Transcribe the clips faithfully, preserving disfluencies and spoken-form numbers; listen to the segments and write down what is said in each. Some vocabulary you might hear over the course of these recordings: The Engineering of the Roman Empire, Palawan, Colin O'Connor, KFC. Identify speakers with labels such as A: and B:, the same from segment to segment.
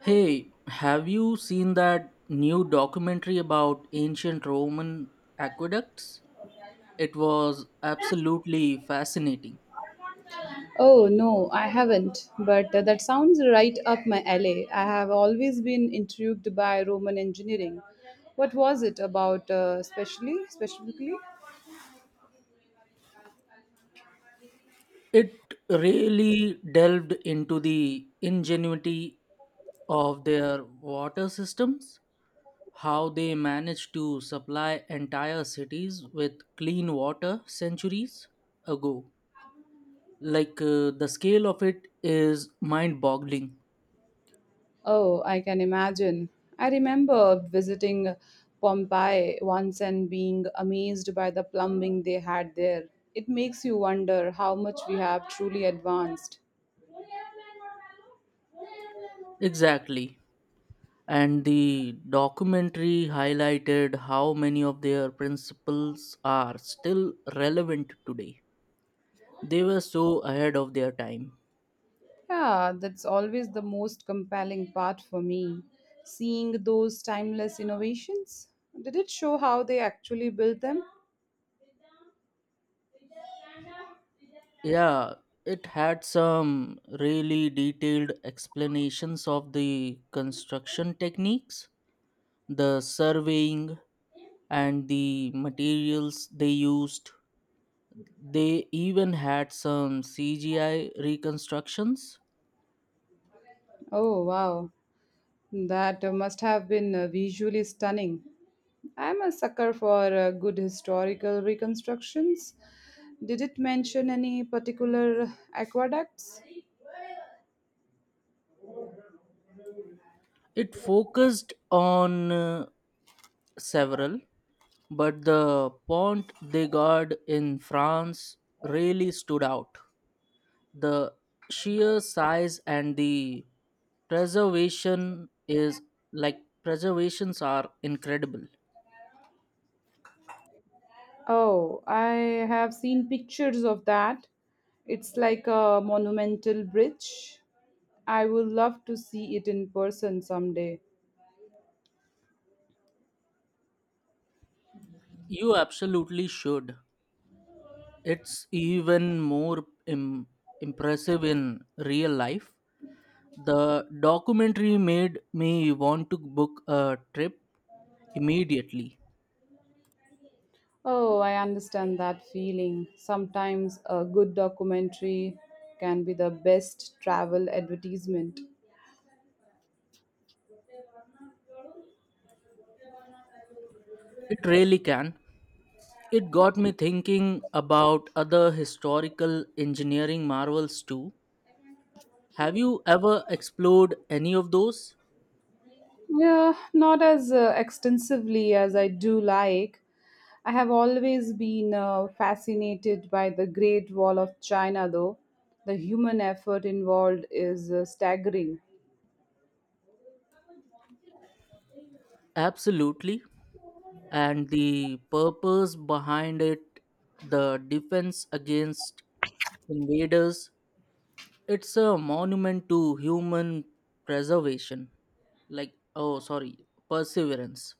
A: Hey, have you seen that new documentary about ancient Roman aqueducts? It was absolutely fascinating.
B: Oh, no, I haven't, but uh, that sounds right up my alley. I have always been intrigued by Roman engineering. What was it about, uh, specially, specifically?
A: It really delved into the ingenuity of their water systems, how they managed to supply entire cities with clean water centuries ago. Like uh, the scale of it is mind boggling.
B: Oh, I can imagine. I remember visiting Pompeii once and being amazed by the plumbing they had there. It makes you wonder how much we have truly advanced.
A: Exactly. And the documentary highlighted how many of their principles are still relevant today. They were so ahead of their time.
B: Yeah, that's always the most compelling part for me, seeing those timeless innovations. Did it show how they actually built them?
A: Yeah, it had some really detailed explanations of the construction techniques, the surveying, and the materials they used. They even had some C G I reconstructions.
B: Oh, wow. That uh, must have been uh, visually stunning. I'm a sucker for uh, good historical reconstructions. Did it mention any particular aqueducts?
A: It focused on uh, several but the pont they got in France really stood out. The sheer size and the preservation is like preservations are incredible.
B: Oh, I have seen pictures of that. It's like a monumental bridge. I would love to see it in person someday.
A: You absolutely should. It's even more Im- impressive in real life. The documentary made me want to book a trip immediately.
B: Oh, I understand that feeling. Sometimes a good documentary can be the best travel advertisement.
A: It really can. It got me thinking about other historical engineering marvels too. Have you ever explored any of those?
B: Yeah, not as uh, extensively as I do like. I have always been uh, fascinated by the Great Wall of China, though. The human effort involved is uh, staggering.
A: Absolutely. And the purpose behind it, the defense against invaders, it's a monument to human preservation. Like, oh, sorry, perseverance.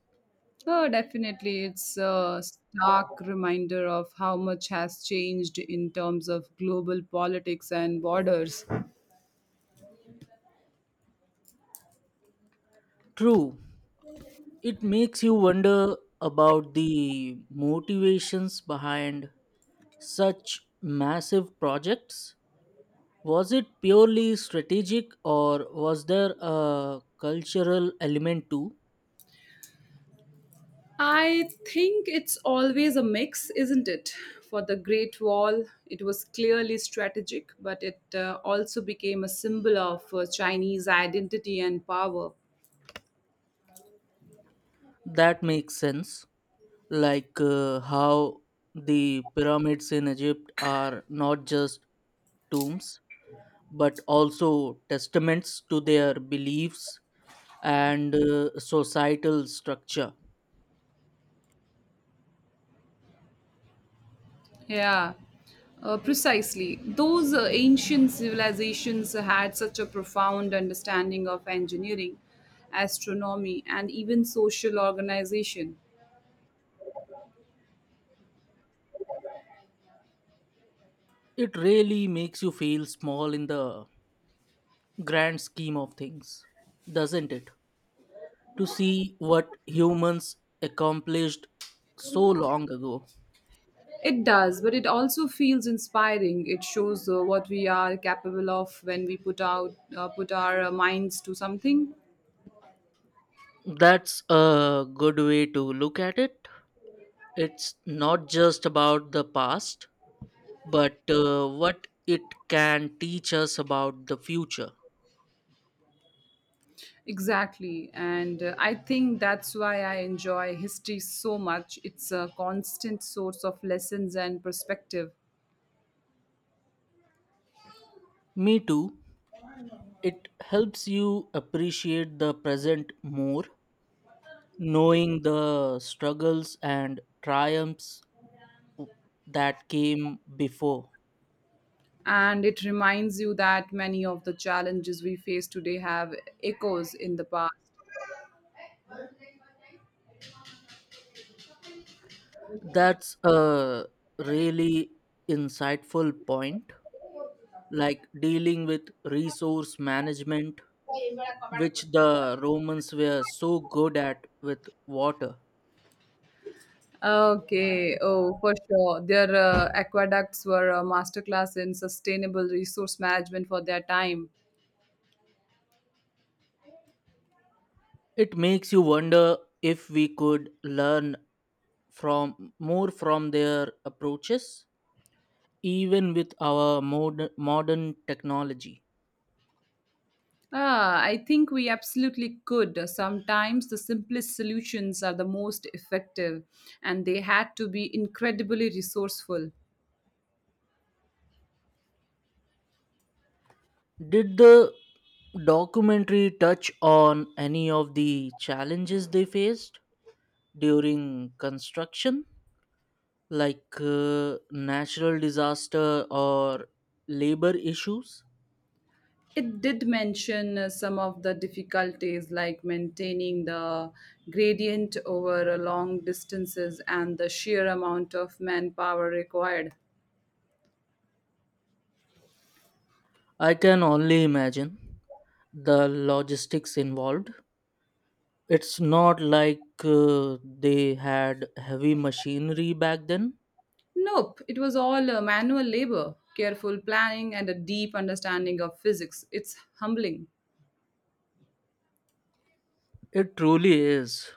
B: Oh, definitely. It's a stark reminder of how much has changed in terms of global politics and borders.
A: True, it makes you wonder about the motivations behind such massive projects. Was it purely strategic or was there a cultural element too?
B: I think it's always a mix, isn't it? For the Great Wall, it was clearly strategic, but it uh, also became a symbol of uh, Chinese identity and power.
A: That makes sense. Like uh, how the pyramids in Egypt are not just tombs but also testaments to their beliefs and uh, societal structure.
B: Yeah, uh, precisely. Those uh, ancient civilizations had such a profound understanding of engineering, astronomy, and even social organization.
A: It really makes you feel small in the grand scheme of things, doesn't it? To see what humans accomplished so long ago.
B: It does, but it also feels inspiring. It shows uh, what we are capable of when we put out uh, put our uh, minds to something.
A: That's a good way to look at it. It's not just about the past, but uh, what it can teach us about the future.
B: Exactly, and uh, I think that's why I enjoy history so much. It's a constant source of lessons and perspective.
A: Me too. It helps you appreciate the present more, knowing the struggles and triumphs that came before.
B: And it reminds you that many of the challenges we face today have echoes in the past.
A: That's a really insightful point, like dealing with resource management, which the Romans were so good at with water.
B: Okay, oh, for sure. Their uh, aqueducts were a masterclass in sustainable resource management for their time.
A: It makes you wonder if we could learn from more from their approaches, even with our mod- modern technology.
B: Ah, I think we absolutely could. Sometimes the simplest solutions are the most effective, and they had to be incredibly resourceful.
A: Did the documentary touch on any of the challenges they faced during construction, like uh, natural disaster or labor issues.
B: It did mention uh, some of the difficulties like maintaining the gradient over uh, long distances and the sheer amount of manpower required.
A: I can only imagine the logistics involved. It's not like uh, they had heavy machinery back then.
B: Nope, it was all uh, manual labor, careful planning, and a deep understanding of physics. It's humbling.
A: It truly is.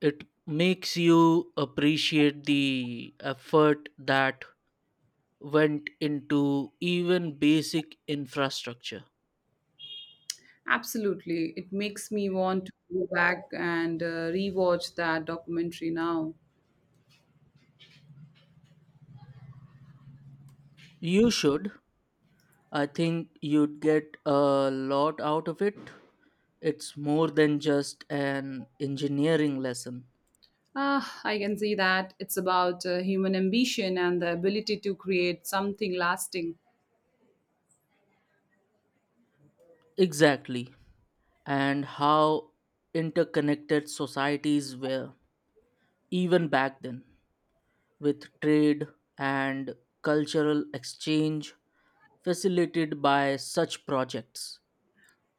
A: It makes you appreciate the effort that went into even basic infrastructure.
B: Absolutely. It makes me want to go back and uh, rewatch that documentary now.
A: You should. I think you'd get a lot out of it. It's more than just an engineering lesson.
B: Ah, I can see that. It's about uh, human ambition and the ability to create something lasting.
A: Exactly. And how interconnected societies were, even back then, with trade and cultural exchange facilitated by such projects.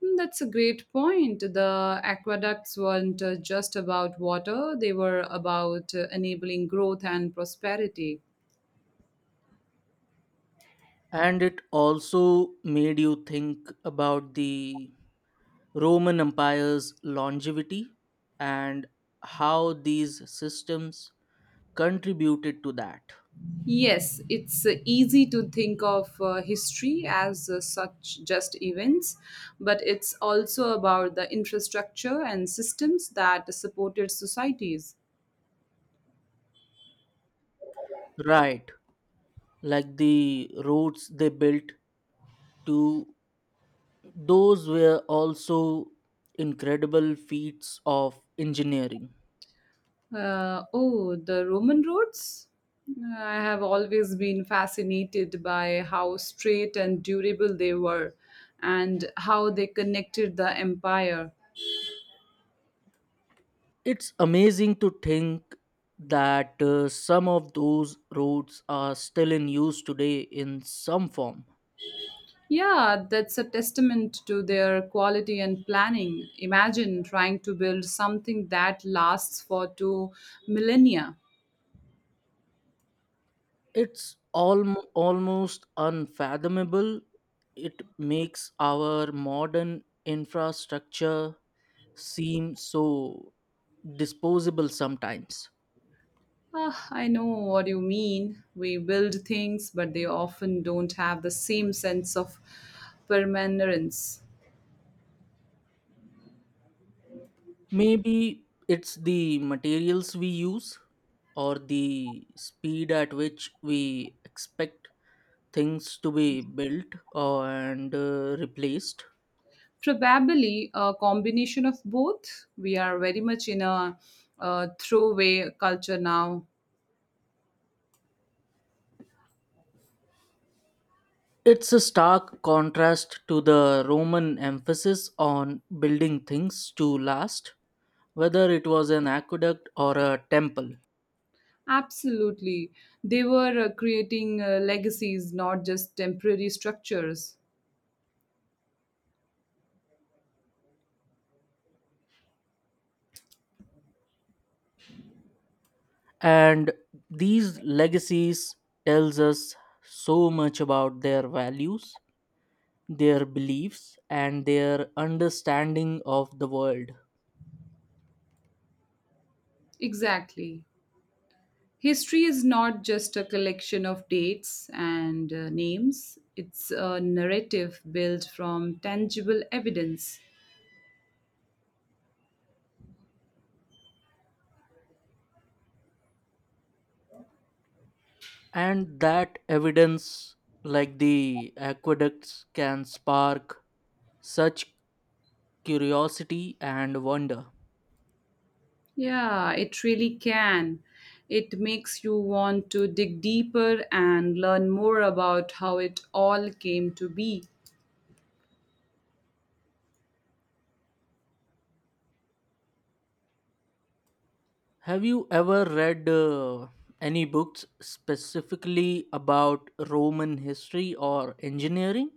B: Mm, that's a great point. The aqueducts weren't uh, just about water, they were about uh, enabling growth and prosperity.
A: And it also made you think about the Roman Empire's longevity and how these systems contributed to that,
B: Yes, it's uh, easy to think of uh, history as uh, such just events, but it's also about the infrastructure and systems that supported societies.
A: right, like the roads they built to, those were also incredible feats of engineering.
B: Uh, oh, the Roman roads? Uh, I have always been fascinated by how straight and durable they were and how they connected the empire.
A: It's amazing to think that uh, some of those roads are still in use today in some form.
B: Yeah, that's a testament to their quality and planning. Imagine trying to build something that lasts for two millennia.
A: It's alm- almost unfathomable. It makes our modern infrastructure seem so disposable sometimes.
B: Ah, I know what you mean. We build things, but they often don't have the same sense of permanence.
A: Maybe it's the materials we use or the speed at which we expect things to be built or- and uh, replaced.
B: Probably a combination of both. We are very much in a, uh throwaway culture now.
A: It's a stark contrast to the Roman emphasis on building things to last, whether it was an aqueduct or a temple.
B: Absolutely. They were uh, creating uh, legacies, not just temporary structures.
A: And these legacies tells us so much about their values, their beliefs, and their understanding of the world.
B: Exactly. History is not just a collection of dates and uh, names, it's a narrative built from tangible evidence.
A: And that evidence, like the aqueducts, can spark such curiosity and wonder.
B: Yeah, it really can. It makes you want to dig deeper and learn more about how it all came to be.
A: Have you ever read uh, any books specifically about Roman history or engineering?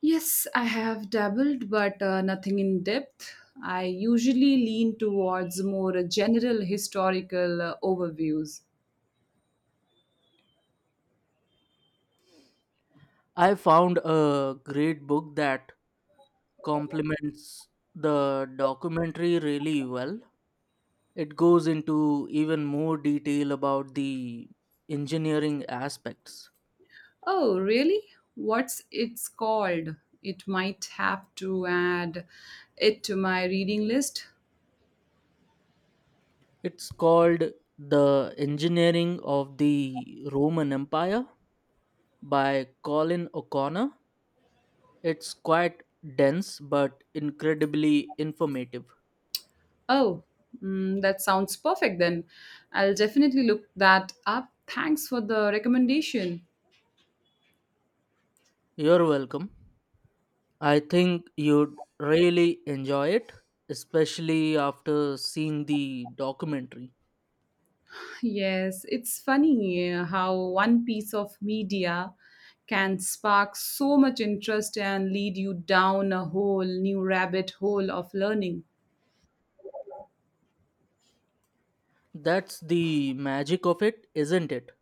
B: Yes, I have dabbled, but uh, nothing in depth. I usually lean towards more general historical uh, overviews.
A: I found a great book that complements the documentary really well. It goes into even more detail about the engineering aspects.
B: Oh, really? What's it's called? It might have to add it to my reading list.
A: It's called The Engineering of the Roman Empire by Colin O'Connor. It's quite dense but incredibly informative.
B: Oh, mm, that sounds perfect then. I'll definitely look that up. Thanks for the recommendation.
A: You're welcome. I think you'd really enjoy it, especially after seeing the documentary.
B: Yes, it's funny uh, how one piece of media can spark so much interest and lead you down a whole new rabbit hole of learning.
A: That's the magic of it, isn't it?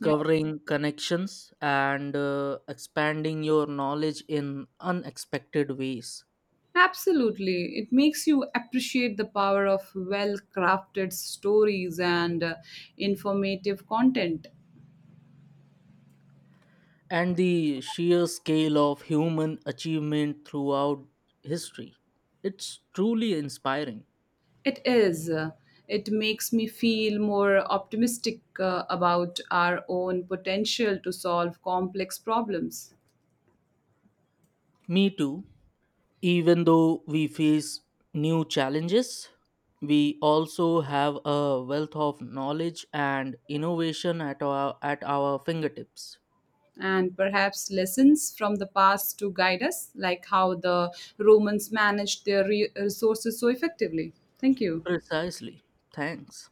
B: Yeah,
A: connections and uh, expanding your knowledge in unexpected ways.
B: absolutely. It makes you appreciate the power of well crafted stories and uh, informative content.
A: And the sheer scale of human achievement throughout history. It's truly inspiring.
B: It is. It makes me feel more optimistic uh, about our own potential to solve complex problems
A: Me too. Even though we face new challenges, we also have a wealth of knowledge and innovation at our, at our fingertips.
B: and perhaps lessons from the past to guide us, like how the Romans managed their re- resources so effectively. Thank you.
A: Precisely. Thanks.